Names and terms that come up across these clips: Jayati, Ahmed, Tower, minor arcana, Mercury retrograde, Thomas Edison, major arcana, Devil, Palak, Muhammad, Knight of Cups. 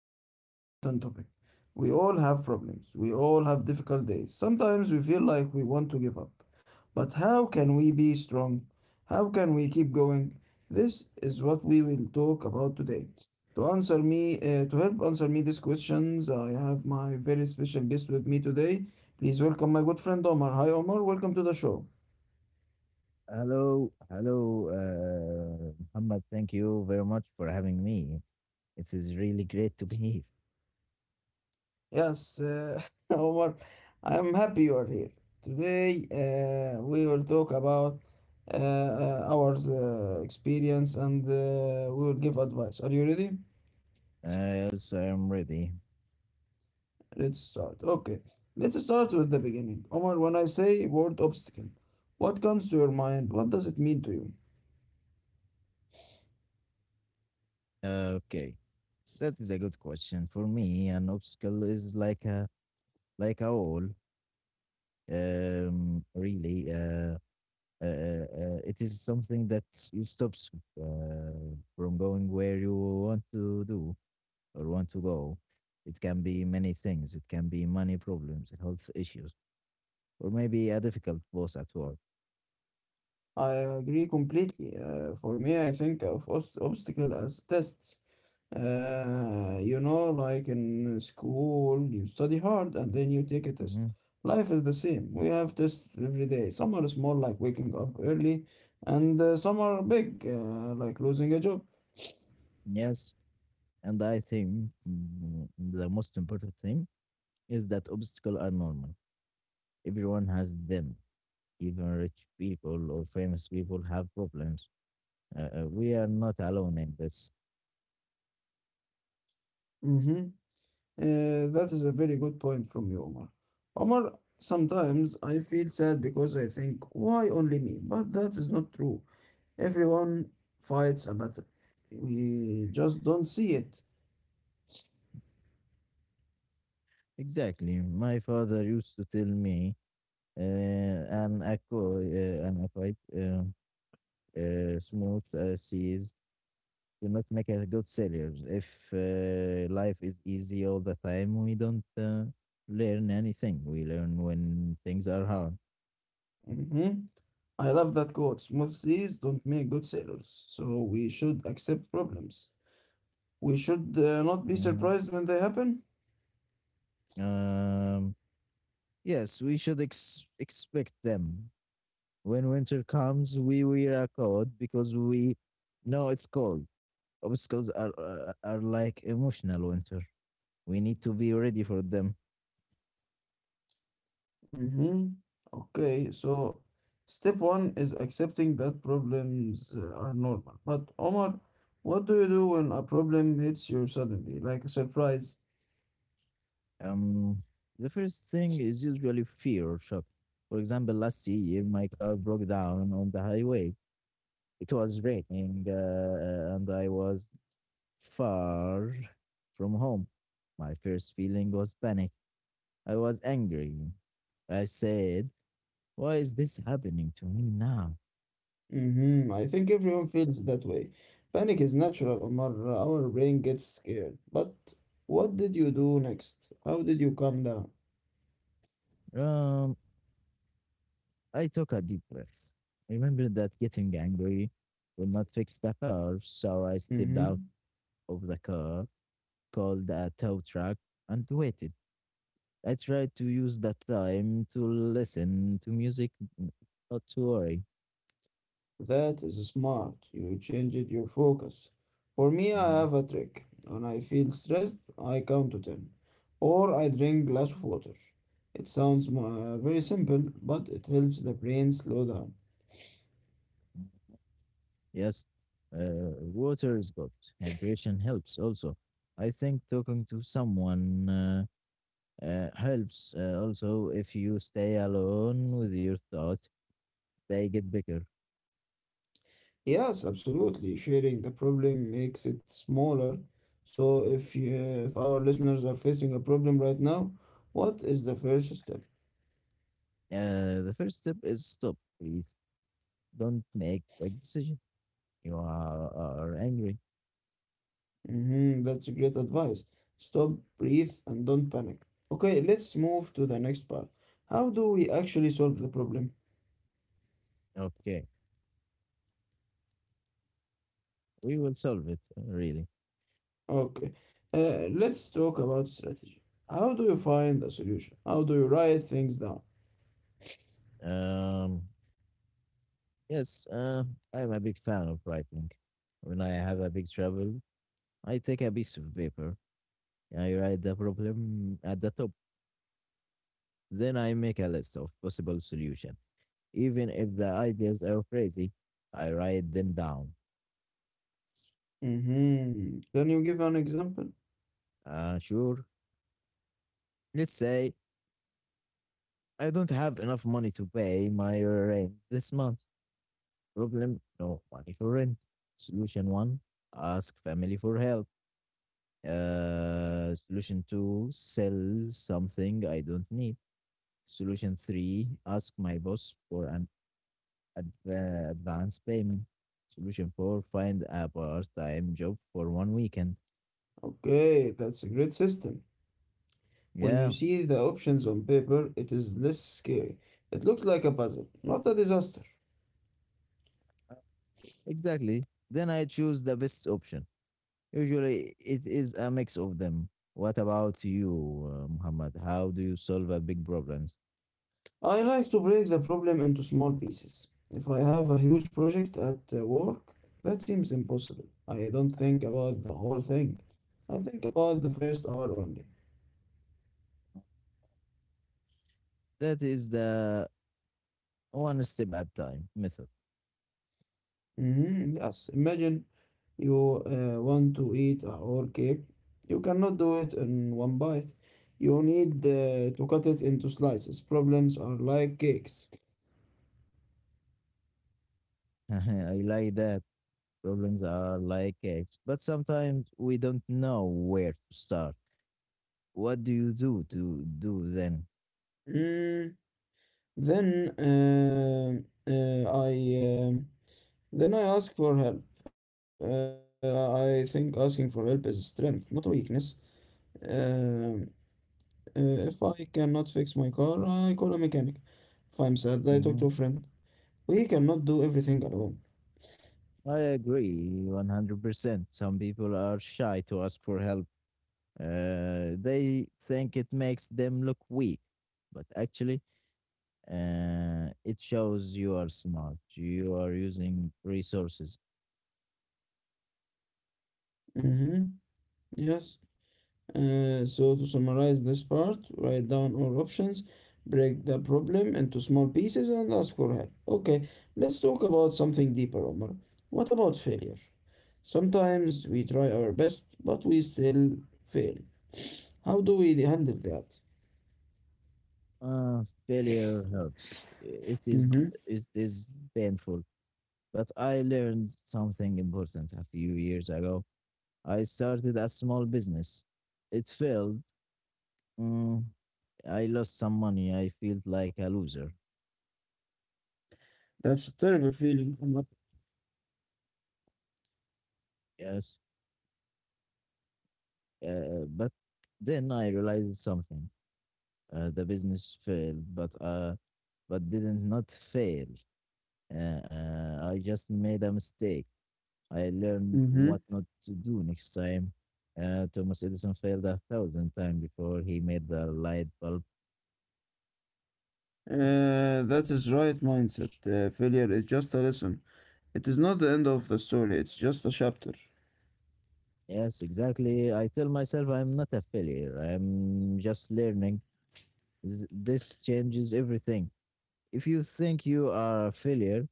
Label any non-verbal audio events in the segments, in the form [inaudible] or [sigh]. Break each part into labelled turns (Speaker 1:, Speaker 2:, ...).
Speaker 1: have a very important topic. We all have problems, we all have difficult days. Sometimes we feel like we want to give up. But how can we be strong? How can we keep going? This is what we will talk about today. To answer me, to help answer me these questions, I have my very special guest with me today. Please welcome my good friend Omar. Hi Omar, welcome to the show.
Speaker 2: Hello, hello, Muhammad. Thank you very much for having me. It is really great to be [laughs] here.
Speaker 1: Yes, [laughs] Omar, I am happy you are here. Today we will talk about our experience, and we will give advice. Are you ready?
Speaker 2: Yes, I'm ready.
Speaker 1: Let's start. Okay, let's start with the beginning. Omar, when I say word obstacle, what comes to your mind? What does it mean to you?
Speaker 2: Okay, that is a good question. For me, an obstacle is like a wall. Really, it is something that you stops from going where you want to do or want to go. It can be many things. It can be money problems, health issues, or maybe a difficult boss at work.
Speaker 1: I agree completely. For me, I think of obstacle as tests. You know, like in school, you study hard and then you take a test.
Speaker 2: Mhm.
Speaker 1: Life is the same. We have tests every day. Some are small, like waking up early, and some are big, like losing a job.
Speaker 2: Yes. And I think, the most important thing is that obstacles are normal. Everyone has them. Even rich people or famous people have problems. We are not alone in this.
Speaker 1: Mm-hmm. That is a very good point from you, Omar. Omar, sometimes I feel sad because I think, why only me? But that is not true. Everyone fights a battle. We just don't see it.
Speaker 2: Exactly. My father used to tell me, uh, an aqua, uh, an aqua, uh, smooth seas do not make us a good sailors. If life is easy all the time, we don't learn anything. We learn when things are hard.
Speaker 1: Mm-hmm. I love that quote. Smooth seas don't make good sailors, so we should accept problems. We should not be
Speaker 2: Mhm.
Speaker 1: surprised when they happen.
Speaker 2: Um, yes, we should expect them. When winter comes, we wear a coat because we know it's cold. Obstacles are like emotional winter. We need to be ready for them.
Speaker 1: Mm-hmm. Okay, so step one is accepting that problems are normal. But Omar, what do you do when a problem hits you suddenly, like a surprise?
Speaker 2: Um, the first thing is usually fear or shock. For example, last year my car broke down on the highway. It was raining, and I was far from home. My first feeling was panic. I was angry. I said, "Why is this happening to me now?"
Speaker 1: Mm-hmm. I think everyone feels that way. Panic is natural, Omar. Our brain gets scared. But what did you do next? How did you calm down?
Speaker 2: Um, I took a deep breath. I remembered that getting angry would not fix the car, so I stepped
Speaker 1: Mm-hmm.
Speaker 2: out of the car, called a tow truck, and waited. I tried to use that time to listen to music, mm, not to worry.
Speaker 1: That is smart. You changed your focus. For me, I
Speaker 2: Mm.
Speaker 1: have a trick. When I feel stressed, I count to 10 or I drink glass of water. It sounds very simple, but it helps the brain slow down.
Speaker 2: Yes, water is good. Hydration helps also. I think talking to someone helps also, if you stay alone with your thoughts, they get bigger.
Speaker 1: Yes, absolutely. Sharing the problem makes it smaller. So if our listeners are facing a problem right now, what is the first step?
Speaker 2: The first step is stop, breathe. Don't make quick decision. You are angry.
Speaker 1: Mhm, that's great advice. Stop, breathe, and don't panic. Okay, let's move to the next part. How do we actually solve the problem?
Speaker 2: Okay, we will solve it, really.
Speaker 1: Okay, let's talk about strategy. How do you find a solution? How do you write things down?
Speaker 2: Um, yes, I am a big fan of writing. When I have a big trouble, I take a piece of paper, I write the problem at the top, then I make a list of possible solution. Even if the ideas are crazy, I write them down.
Speaker 1: Mm-hmm. Can you give an example?
Speaker 2: Sure. Let's say I don't have enough money to pay my rent this month. Problem: no money for rent. Solution one: ask family for help. Solution two, sell something I don't need. Solution three, ask my boss for an advance payment. Solution four, find a part time job for one weekend.
Speaker 1: Okay, that's a great system. When you
Speaker 2: Yeah,
Speaker 1: see the options on paper, it is less scary. It looks like a puzzle, not a disaster.
Speaker 2: exactly. Then I choose the best option. Usually it is a mix of them. What about you, Muhammad? How do you solve a big problems?
Speaker 1: I like to break the problem into small pieces. If I have a huge project at work, that seems impossible. I don't think about the whole thing. I think about the first hour only.
Speaker 2: That is the one step at time method.
Speaker 1: Hmm. Yes, imagine you want to eat a whole cake. You cannot do it in one bite. You need to cut it into slices. Problems are like cakes.
Speaker 2: [laughs] I like that. Problems are like eggs, but sometimes we don't know where to start. What do you do to do then?
Speaker 1: Mm, then uh, uh, I. um Then I ask for help. I think asking for help is a strength, not a weakness. Um, if I cannot fix my car, I call a mechanic. If I'm sad, I talk to a
Speaker 2: Mhm.
Speaker 1: friend. We cannot do everything alone.
Speaker 2: I agree 100%. Some people are shy to ask for help. They think it makes them look weak, but actually, it shows you are smart. You are using resources.
Speaker 1: Mm-hmm. Yes. So to summarize this part, write down all options, break the problem into small pieces, and ask for help. Okay, let's talk about something deeper, Omar. What about failure? Sometimes we try our best, but we still fail. How do we handle that?
Speaker 2: Failure hurts. I- It is
Speaker 1: Mm-hmm.
Speaker 2: it is painful, but I learned something important a few years ago. I started a small business. It failed. Mm, I lost some money. I felt like a loser.
Speaker 1: That's a terrible feeling, Omar.
Speaker 2: Yes. But then I realized something. The business failed, but didn't not fail. Uh, I just made a mistake. I learned
Speaker 1: Mm-hmm.
Speaker 2: what not to do next time. Thomas Edison failed 1,000 times before he made the light bulb.
Speaker 1: That is right mindset. Failure is just a lesson. It is not the end of the story. It's just a chapter.
Speaker 2: Yes, exactly. I tell myself I'm not a failure. I'm just learning. This changes everything. If you think you are a failure,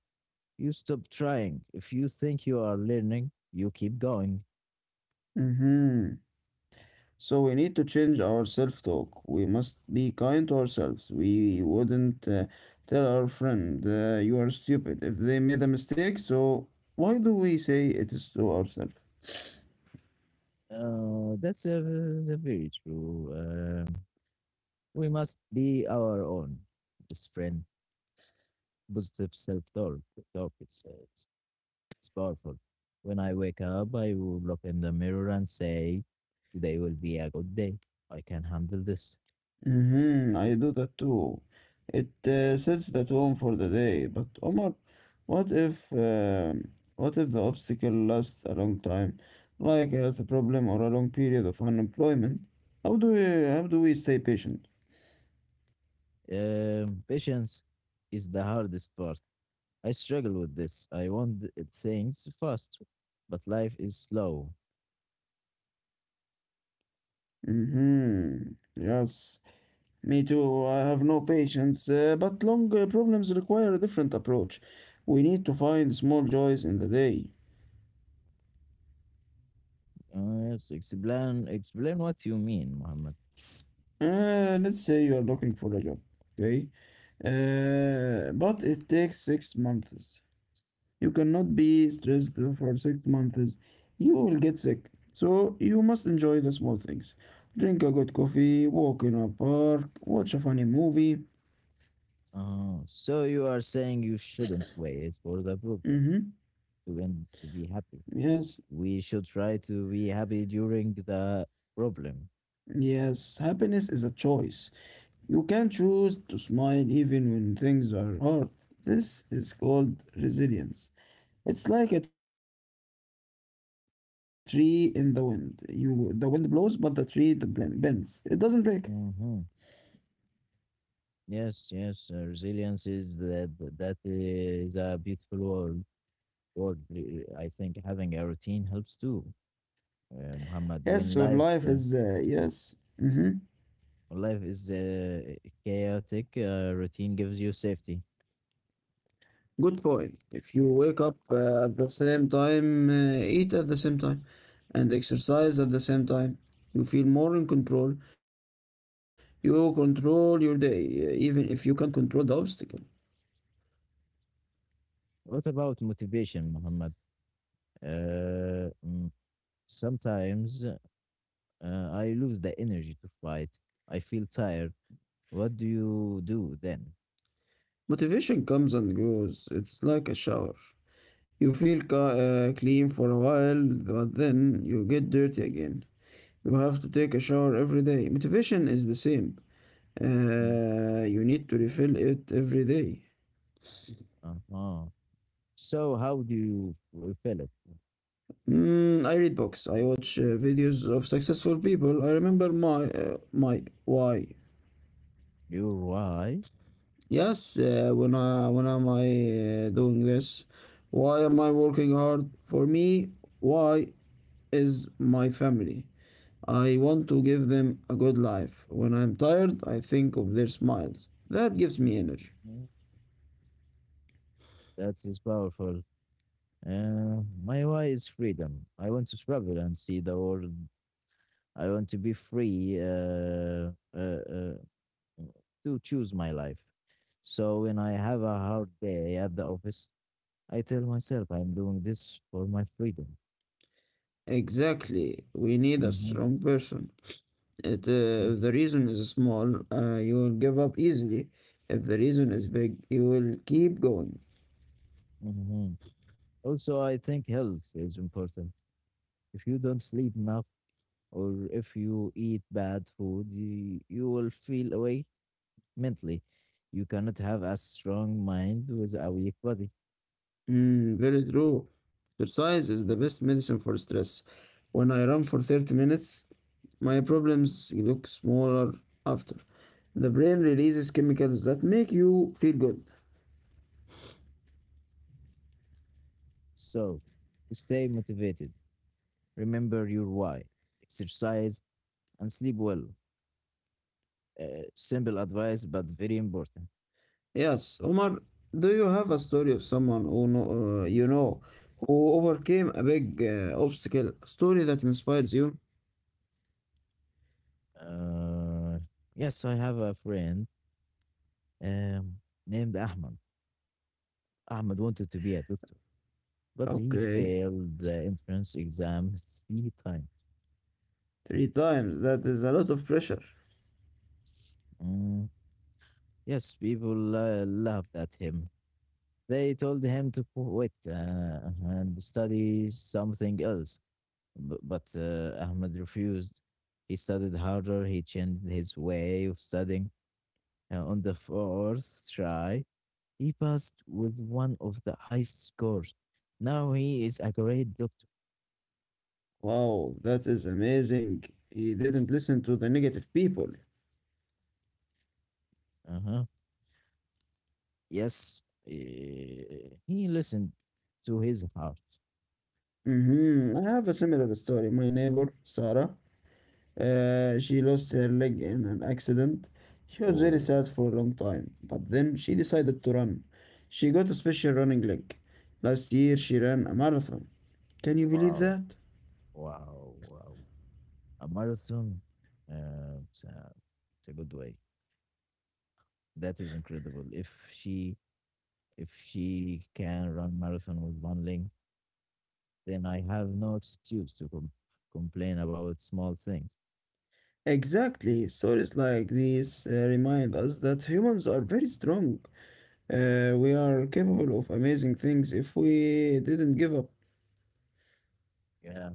Speaker 2: you stop trying. If you think you are learning, you keep going.
Speaker 1: Mm-hmm. So we need to change our self-talk. We must be kind to ourselves. We wouldn't tell our friend you are stupid if they made a mistake. So why do we say it is to ourselves?
Speaker 2: That's very true. We must be our own best friend. Positive self talk. Talk. It's, uh, it's it's powerful. When I wake up, I will look in the mirror and say, "Today will be a good day. I can handle this."
Speaker 1: Mm-hmm, I do that too. It sets the tone for the day. But Omar, what if um, what if the obstacle lasts a long time, like a health problem or a long period of unemployment? How do we stay patient?
Speaker 2: Patience is the hardest part. I struggle with this. I want things fast, but life is slow.
Speaker 1: Mm-hmm. Yes. Me too. I have no patience. But long problems require a different approach. We need to find small joys in the day.
Speaker 2: Yes, explain what you mean, Muhammad.
Speaker 1: Let's say you are looking for a job, okay? But it takes 6 months. You cannot be stressed for 6 months. You will get sick. So you must enjoy the small things. Drink a good coffee, walk in a park, watch a funny movie.
Speaker 2: So you are saying you shouldn't wait for the problem
Speaker 1: Mm-hmm.
Speaker 2: to end to be happy.
Speaker 1: Yes,
Speaker 2: We should try to be happy during the problem.
Speaker 1: yes. Happiness is a choice. You can choose to smile even when things are hard. This is called resilience. It's like a tree in the wind. The wind blows, but the tree bends. It doesn't break.
Speaker 2: Hmm. Yes, yes. Resilience is that that is a beautiful word. I think having a routine helps too. Muhammad,
Speaker 1: Yes,
Speaker 2: when
Speaker 1: your
Speaker 2: life
Speaker 1: life
Speaker 2: uh,
Speaker 1: is yes. Hmm.
Speaker 2: when life is chaotic, routine gives you safety.
Speaker 1: Good point. If you wake up at the same time, eat at the same time, and exercise at the same time, you feel more in control. You control your day, even if you can't control the obstacle.
Speaker 2: What about motivation, Muhammad? Uh, mm, Sometimes I lose the energy to fight. I feel tired. What do you do then?
Speaker 1: Motivation comes and goes. It's like a shower. You feel clean for a while, but then you get dirty again. You have to take a shower every day. Motivation is the same.
Speaker 2: Mm.
Speaker 1: You need to refill it every day.
Speaker 2: Uh-huh. So how do you fulfill it?
Speaker 1: Mm, I read books. I watch videos of successful people. I remember my why.
Speaker 2: Your why?
Speaker 1: Yes, when am I doing this? Why am I working hard? For me, why is my family. I want to give them a good life. When I'm tired, I think of their smiles. That gives me energy.
Speaker 2: Mhm. That is powerful. My why is freedom. I want to travel and see the world. I want to be free to choose my life. So when I have a hard day at the office, I tell myself I'm doing this for my freedom.
Speaker 1: Exactly. We need a
Speaker 2: Hmm.
Speaker 1: strong person. If the reason is small, you will give up easily. If the reason is big, you will keep going.
Speaker 2: Hmm. Also, I think health is important. If you don't sleep enough or if you eat bad food, you will feel away mentally. You cannot have a strong mind with a weak body.
Speaker 1: Mm, very true. Exercise is the best medicine for stress. When I run for 30 minutes, my problems look smaller after. The brain releases chemicals that make you feel good.
Speaker 2: So, to stay motivated, remember your why, exercise, and sleep well. Simple advice, but very important.
Speaker 1: Yes, Omar, do you have a story of someone who know, you know who overcame a big obstacle? A story that inspires you?
Speaker 2: Uh, yes, I have a friend um, named Ahmed. Ahmed wanted to be a doctor, but he
Speaker 1: Okay,
Speaker 2: failed the entrance exam three times.
Speaker 1: three times. That is a lot of pressure.
Speaker 2: Mm, Yes, people laughed at him. They told him to quit, and study something else, but Ahmed refused. He studied harder, he changed his way of studying. On the fourth try, he passed with one of the highest scores. Now he is a great doctor.
Speaker 1: Wow, that is amazing. He didn't listen to the negative people.
Speaker 2: Uh-huh. Yes, he listened to his heart.
Speaker 1: Mm-hmm. I have a similar story. My neighbor, Sarah, she lost her leg in an accident. She was very
Speaker 2: Oh,
Speaker 1: sad for a long time, but then she decided to run. She got a special running leg. Last year, she ran a marathon. Can you believe
Speaker 2: wow,
Speaker 1: that?
Speaker 2: wow, wow. A marathon. Uh, it's, a, it's a good way. That is incredible. If she can run marathon with one leg, then I have no excuse to complain about small things.
Speaker 1: Exactly. Stories like these remind us that humans are very strong. We are capable of amazing things if we didn't give up.
Speaker 2: Yeah,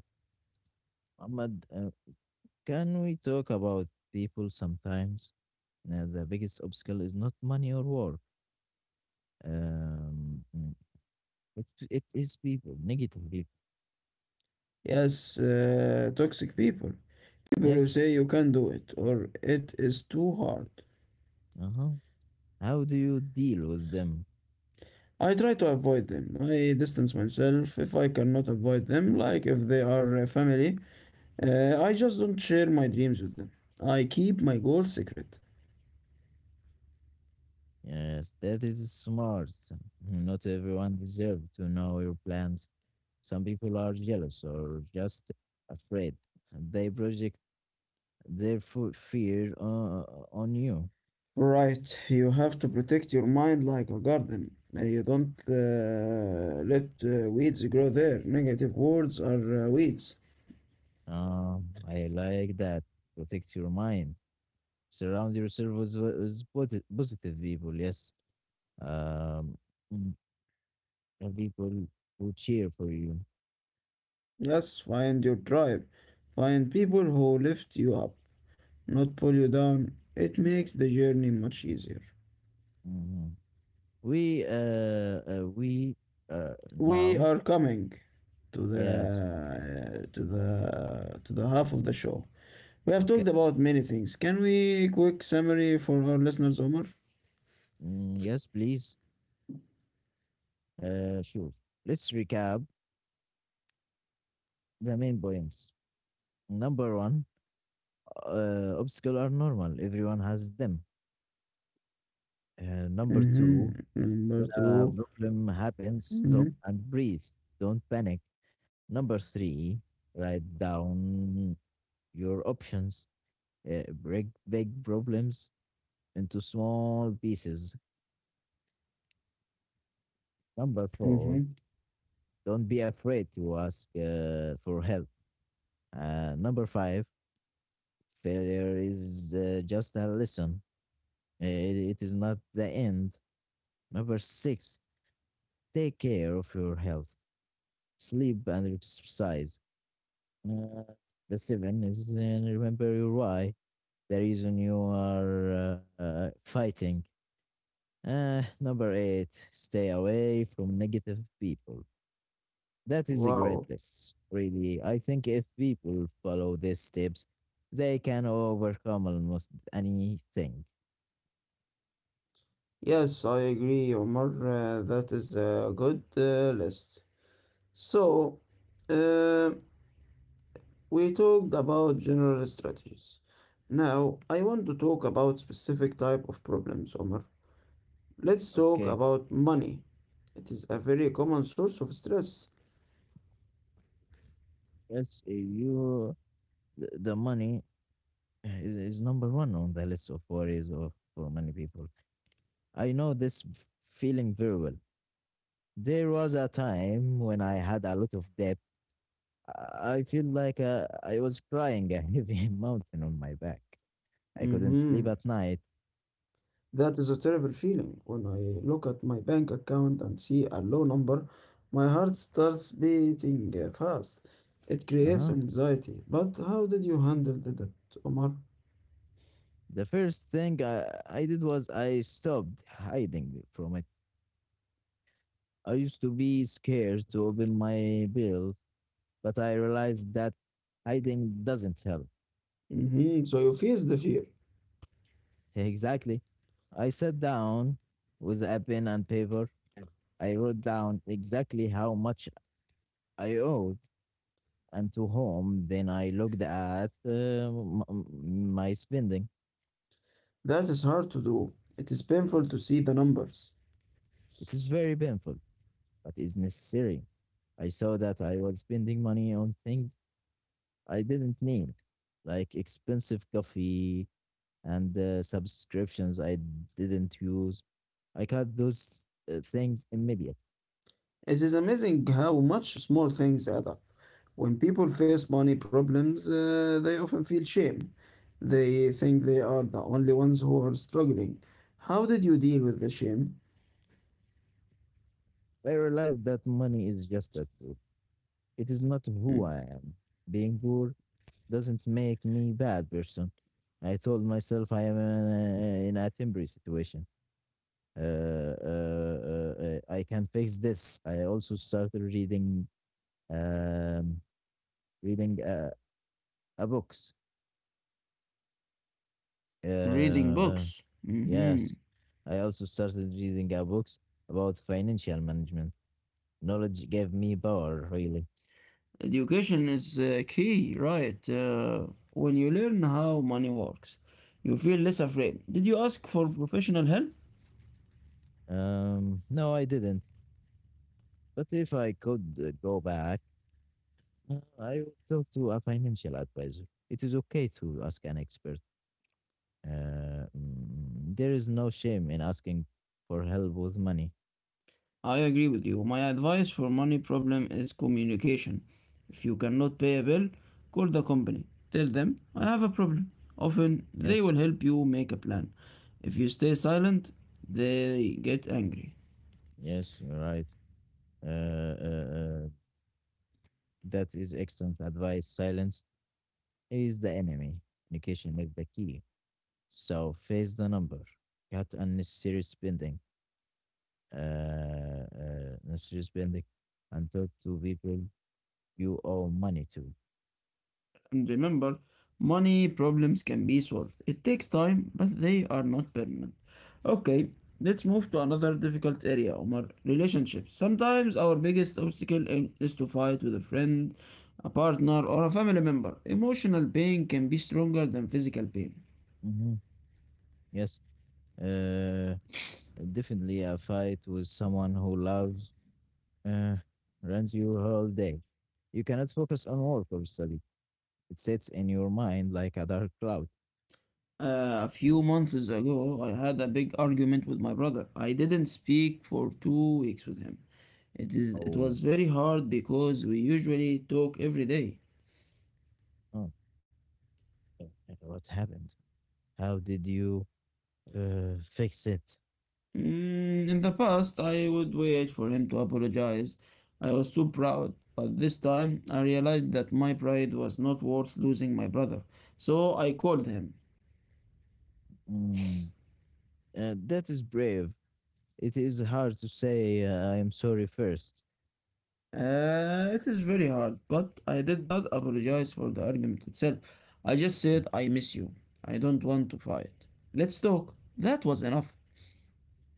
Speaker 2: Muhammad, can we talk about people sometimes? Now, the biggest obstacle is not money or work. Um, mm, it is people, negative people.
Speaker 1: Yes, toxic people. People who
Speaker 2: Yes.
Speaker 1: say you can't do it or it is too hard.
Speaker 2: Uh huh. How do you deal with them?
Speaker 1: I try to avoid them. I distance myself if I cannot avoid them, like if they are family. I just don't share my dreams with them. I keep my goals secret.
Speaker 2: Yes, that is smart. Not everyone deserves to know your plans. Some people are jealous or just afraid. They project their fear on you.
Speaker 1: Right, you have to protect your mind like a garden. You don't let weeds grow there. Negative words are weeds.
Speaker 2: I like that. Protect your mind. Surround yourself with positive people. Yes. Um, mm, and people who cheer for you.
Speaker 1: Yes, find your tribe. Find people who lift you up, not pull you down. It makes the journey much easier.
Speaker 2: Hmm. We uh
Speaker 1: We
Speaker 2: Now.
Speaker 1: are coming to the
Speaker 2: Yes.
Speaker 1: half of the show. We have
Speaker 2: Okay.
Speaker 1: talked about many things. Can we quick summary for our listeners, Omar?
Speaker 2: Mm, yes, please, sure. Let's recap the main points. Number one, obstacles are normal. Everyone has them. Number
Speaker 1: Mm-hmm.
Speaker 2: two,
Speaker 1: Number
Speaker 2: when a
Speaker 1: 2.
Speaker 2: problem happens,
Speaker 1: Mm-hmm.
Speaker 2: stop and breathe. Don't panic. Number three, write down your options. Break big problems into small pieces. Number four,
Speaker 1: Mm-hmm.
Speaker 2: don't be afraid to ask for help. Number five, failure is just a lesson. It is not the end. Number six, take care of your health, sleep and exercise. Uh, the seven is remember your why, the reason you are fighting. Number eight, stay away from negative people. That is a
Speaker 1: Wow.
Speaker 2: great list, really. I think if people follow these steps, they can overcome almost anything.
Speaker 1: Yes, I agree, Omar. That is a good list. So, uh, we talked about general strategies. Now, I want to talk about specific type of problems, Omar. Let's talk
Speaker 2: Okay.
Speaker 1: about money. It is a very common source of stress.
Speaker 2: Yes, the money is number one on the list of worries for many people. I know this feeling very well. There was a time when I had a lot of debt. I feel like I was crying a heavy [laughs] mountain on my back. I couldn't sleep
Speaker 1: Hmm.
Speaker 2: at night.
Speaker 1: That is a terrible feeling. When I look at my bank account and see a low number, my heart starts beating fast. It creates
Speaker 2: Uh-huh.
Speaker 1: anxiety. But how did you handle the debt, Omar?
Speaker 2: The first thing I did was I stopped hiding from it. I used to be scared to open my bills, but I realized that hiding doesn't help.
Speaker 1: Hmm. So you face the fear.
Speaker 2: Exactly. I sat down with a pen and paper. I wrote down exactly how much I owed and to home, then I looked at my spending.
Speaker 1: That is hard to do. It is painful to see the numbers.
Speaker 2: It is very painful, but it's necessary. I saw that I was spending money on things I didn't need, like expensive coffee and subscriptions I didn't use. I cut those things immediately.
Speaker 1: It is amazing how much small things add up. When people face money problems, they often feel shame. They think they are the only ones who are struggling. How did you deal with the shame?
Speaker 2: I realized that money is just a tool. It is not who
Speaker 1: Mm.
Speaker 2: I am. Being poor doesn't make me bad person. I told myself I am in a temporary situation. I can fix this. I also started reading um, reading a books. Uh,
Speaker 1: Reading
Speaker 2: uh,
Speaker 1: books. Hmm.
Speaker 2: yes, I also started reading a books about financial management. Knowledge gave me power, really.
Speaker 1: Education is key, right? When you learn how money works, you feel less afraid. Did you ask for professional help?
Speaker 2: No, I didn't. But if I could go back, I would talk to a financial advisor. It is okay to ask an expert. Uh, there is no shame in asking for help with money.
Speaker 1: I agree with you. My advice for money problem is communication. If you cannot pay a bill, call the company. Tell them I have a problem. Often they
Speaker 2: Yes,
Speaker 1: will help you make a plan. If you stay silent, they get angry.
Speaker 2: yes, you're right. Uh, uh, uh, that is excellent advice. Silence is the enemy. Communication is the key. So face the number. Cut unnecessary spending. Uh, Necessary spending, and talk to people you owe money to.
Speaker 1: And remember, money problems can be solved. It takes time, but they are not permanent. Okay, let's move to another difficult area, Omar relationships. Sometimes our biggest obstacle is to fight with a friend, a partner, or a family member. Emotional pain can be stronger than physical pain.
Speaker 2: Hmm. Yes. Uh, Definitely a fight with someone who loves uh, runs you whole day. You cannot focus on work or study. It sits in your mind like a dark cloud.
Speaker 1: A few months ago, I had a big argument with my brother. I didn't speak for 2 weeks with him. It is it
Speaker 2: Oh,
Speaker 1: was very hard because we usually talk every day.
Speaker 2: oh, uh, uh, what happened? How did you fix it?
Speaker 1: Mm, in the past, I would wait for him to apologize. I was too proud, but this time I realized that my pride was not worth losing my brother, so I called him.
Speaker 2: Mm, that is brave. It is hard to say, I am sorry first.
Speaker 1: It is very hard, but I did not apologize for the argument itself. I just said, I miss you. I don't want to fight. Let's talk. That was enough.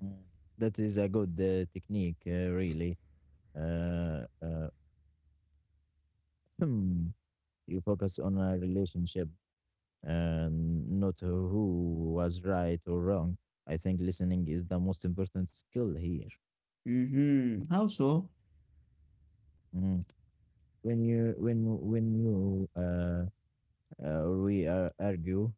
Speaker 2: Mm, That is a good technique, really. Uh, uh, [clears throat] you focus on a relationship and not who was right or wrong. I think listening is the most important skill here.
Speaker 1: Mm-hmm. How so?
Speaker 2: Mm. When you we argue,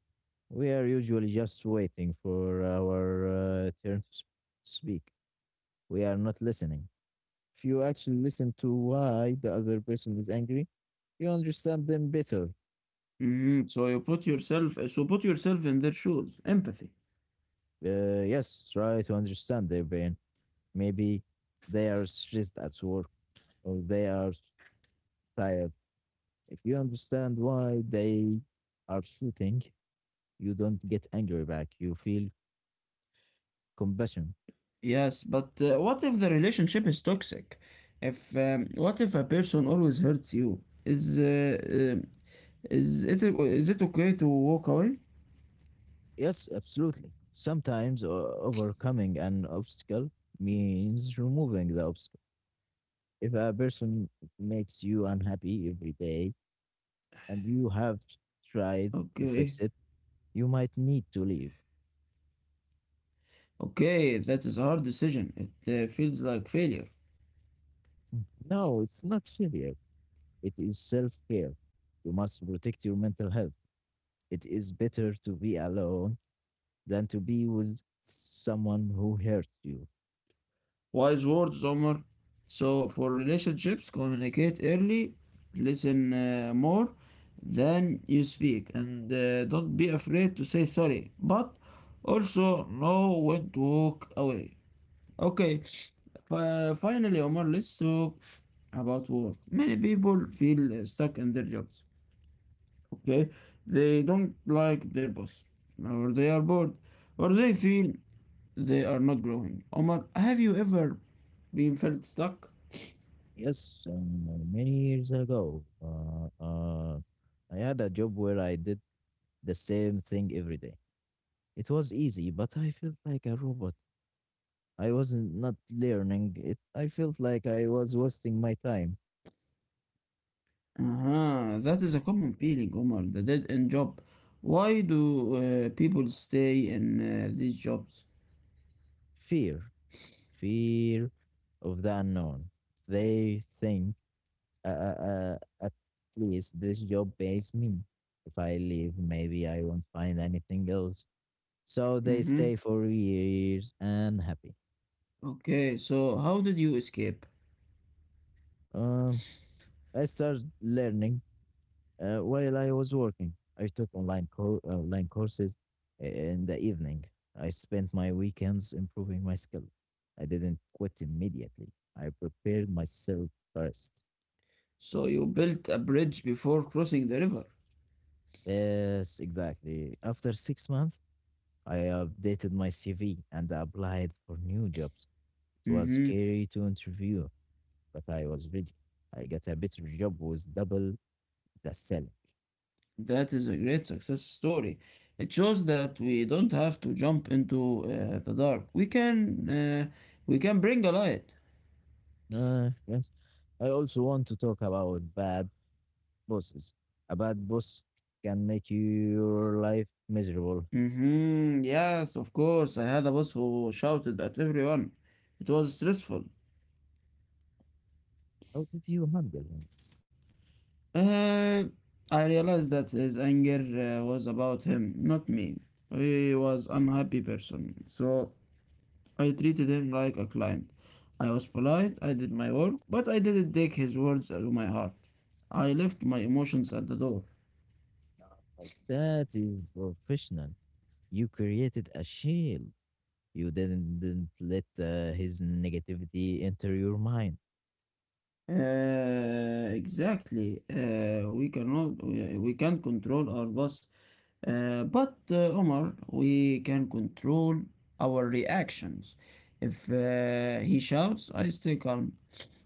Speaker 2: we are usually just waiting for our turn to speak. We are not listening. If you actually listen to why the other person is angry, you understand them better.
Speaker 1: Mm-hmm. So put yourself in their shoes. Empathy.
Speaker 2: Yes, try to understand their pain. Maybe they are stressed at work, or they are tired. If you understand why they are shooting, you don't get angry back. You feel compassion.
Speaker 1: Yes, but what if the relationship is toxic? If What if a person always hurts you? Is uh, um, is it okay to walk away?
Speaker 2: Yes, absolutely. Sometimes overcoming an obstacle means removing the obstacle. If a person makes you unhappy every day and you have tried to
Speaker 1: Okay,
Speaker 2: fix it, you might need to leave.
Speaker 1: okay, that is a hard decision. It feels like failure.
Speaker 2: No, it's not failure. It is self care. You must protect your mental health. It is better to be alone than to be with someone who hurts you.
Speaker 1: Wise words, Omar. So for relationships, communicate early, listen more than you speak, and don't be afraid to say sorry. But also know when to walk away. Okay, finally, Omar, let's talk about work. Many people feel stuck in their jobs. Okay, they don't like their boss, or they are bored, or they feel they are not growing. Omar, have you ever been felt stuck?
Speaker 2: Yes, many years ago, I had a job where I did the same thing every day. It was easy, but I felt like a robot. I wasn't not learning it. I felt like I was wasting my time.
Speaker 1: Uh-huh, that is a common feeling, Omar, the dead end job. Why do people stay in these jobs?
Speaker 2: Fear, fear of the unknown. They think uh, uh, uh, at least this job pays me. If I leave, maybe I won't find anything else. So they stay
Speaker 1: Mm-hmm.
Speaker 2: for years and happy.
Speaker 1: Okay, so how did you escape?
Speaker 2: Um, I started learning while I was working. I took online online courses in the evening. I spent my weekends improving my skill. I didn't quit immediately. I prepared myself first.
Speaker 1: So you built a bridge before crossing the river.
Speaker 2: Yes, exactly. After 6 months, I updated my CV and applied for new jobs. It was
Speaker 1: Mhm.
Speaker 2: scary to interview, but I was ready. I got a better job with double. That's selling.
Speaker 1: That is a great success story. It shows that we don't have to jump into the dark. We can bring a light.
Speaker 2: Yes. I also want to talk about bad bosses. A bad boss can make your life miserable.
Speaker 1: Mm-hmm. Yes, of course. I had a boss who shouted at everyone. It was stressful.
Speaker 2: How did you handle him?
Speaker 1: Uh, I realized that his anger was about him, not me. He was unhappy person. So I treated him like a client. I was polite, I did my work, but I didn't take his words to my heart. I left my emotions at the door.
Speaker 2: That is professional. You created a shield. You didn't let his negativity enter your mind.
Speaker 1: Exactly. We cannot, we can't control our boss. But, Omar, we can control our reactions. If he shouts, I stay calm.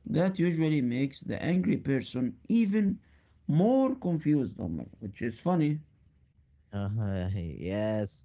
Speaker 1: That usually makes the angry person even more confused, Omar, which is funny.
Speaker 2: [laughs] Yes,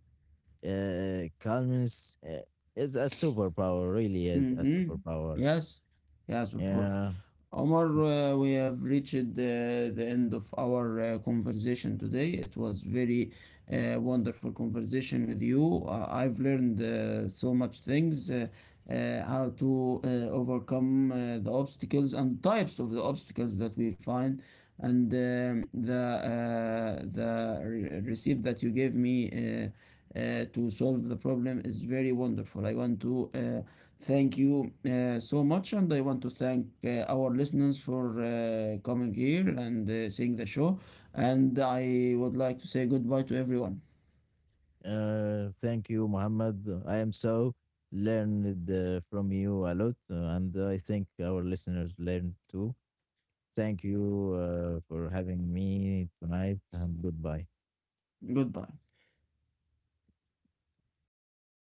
Speaker 2: calmness is a superpower, really is a
Speaker 1: Mm-hmm.
Speaker 2: superpower.
Speaker 1: Yes, yes, of course.
Speaker 2: Yeah.
Speaker 1: Omar, we have reached the end of our conversation today. It was very wonderful conversation with you. I've learned so much things, how to overcome the obstacles and types of the obstacles that we find, and the receipt that you gave me to solve the problem is very wonderful. I want to. Thank you so much, and I want to thank our listeners for coming here and seeing the show. And I would like to say goodbye to everyone.
Speaker 2: Thank you, Muhammad. I am so learned from you a lot, and I think our listeners learned too. Thank you for having me tonight, and goodbye.
Speaker 1: Goodbye.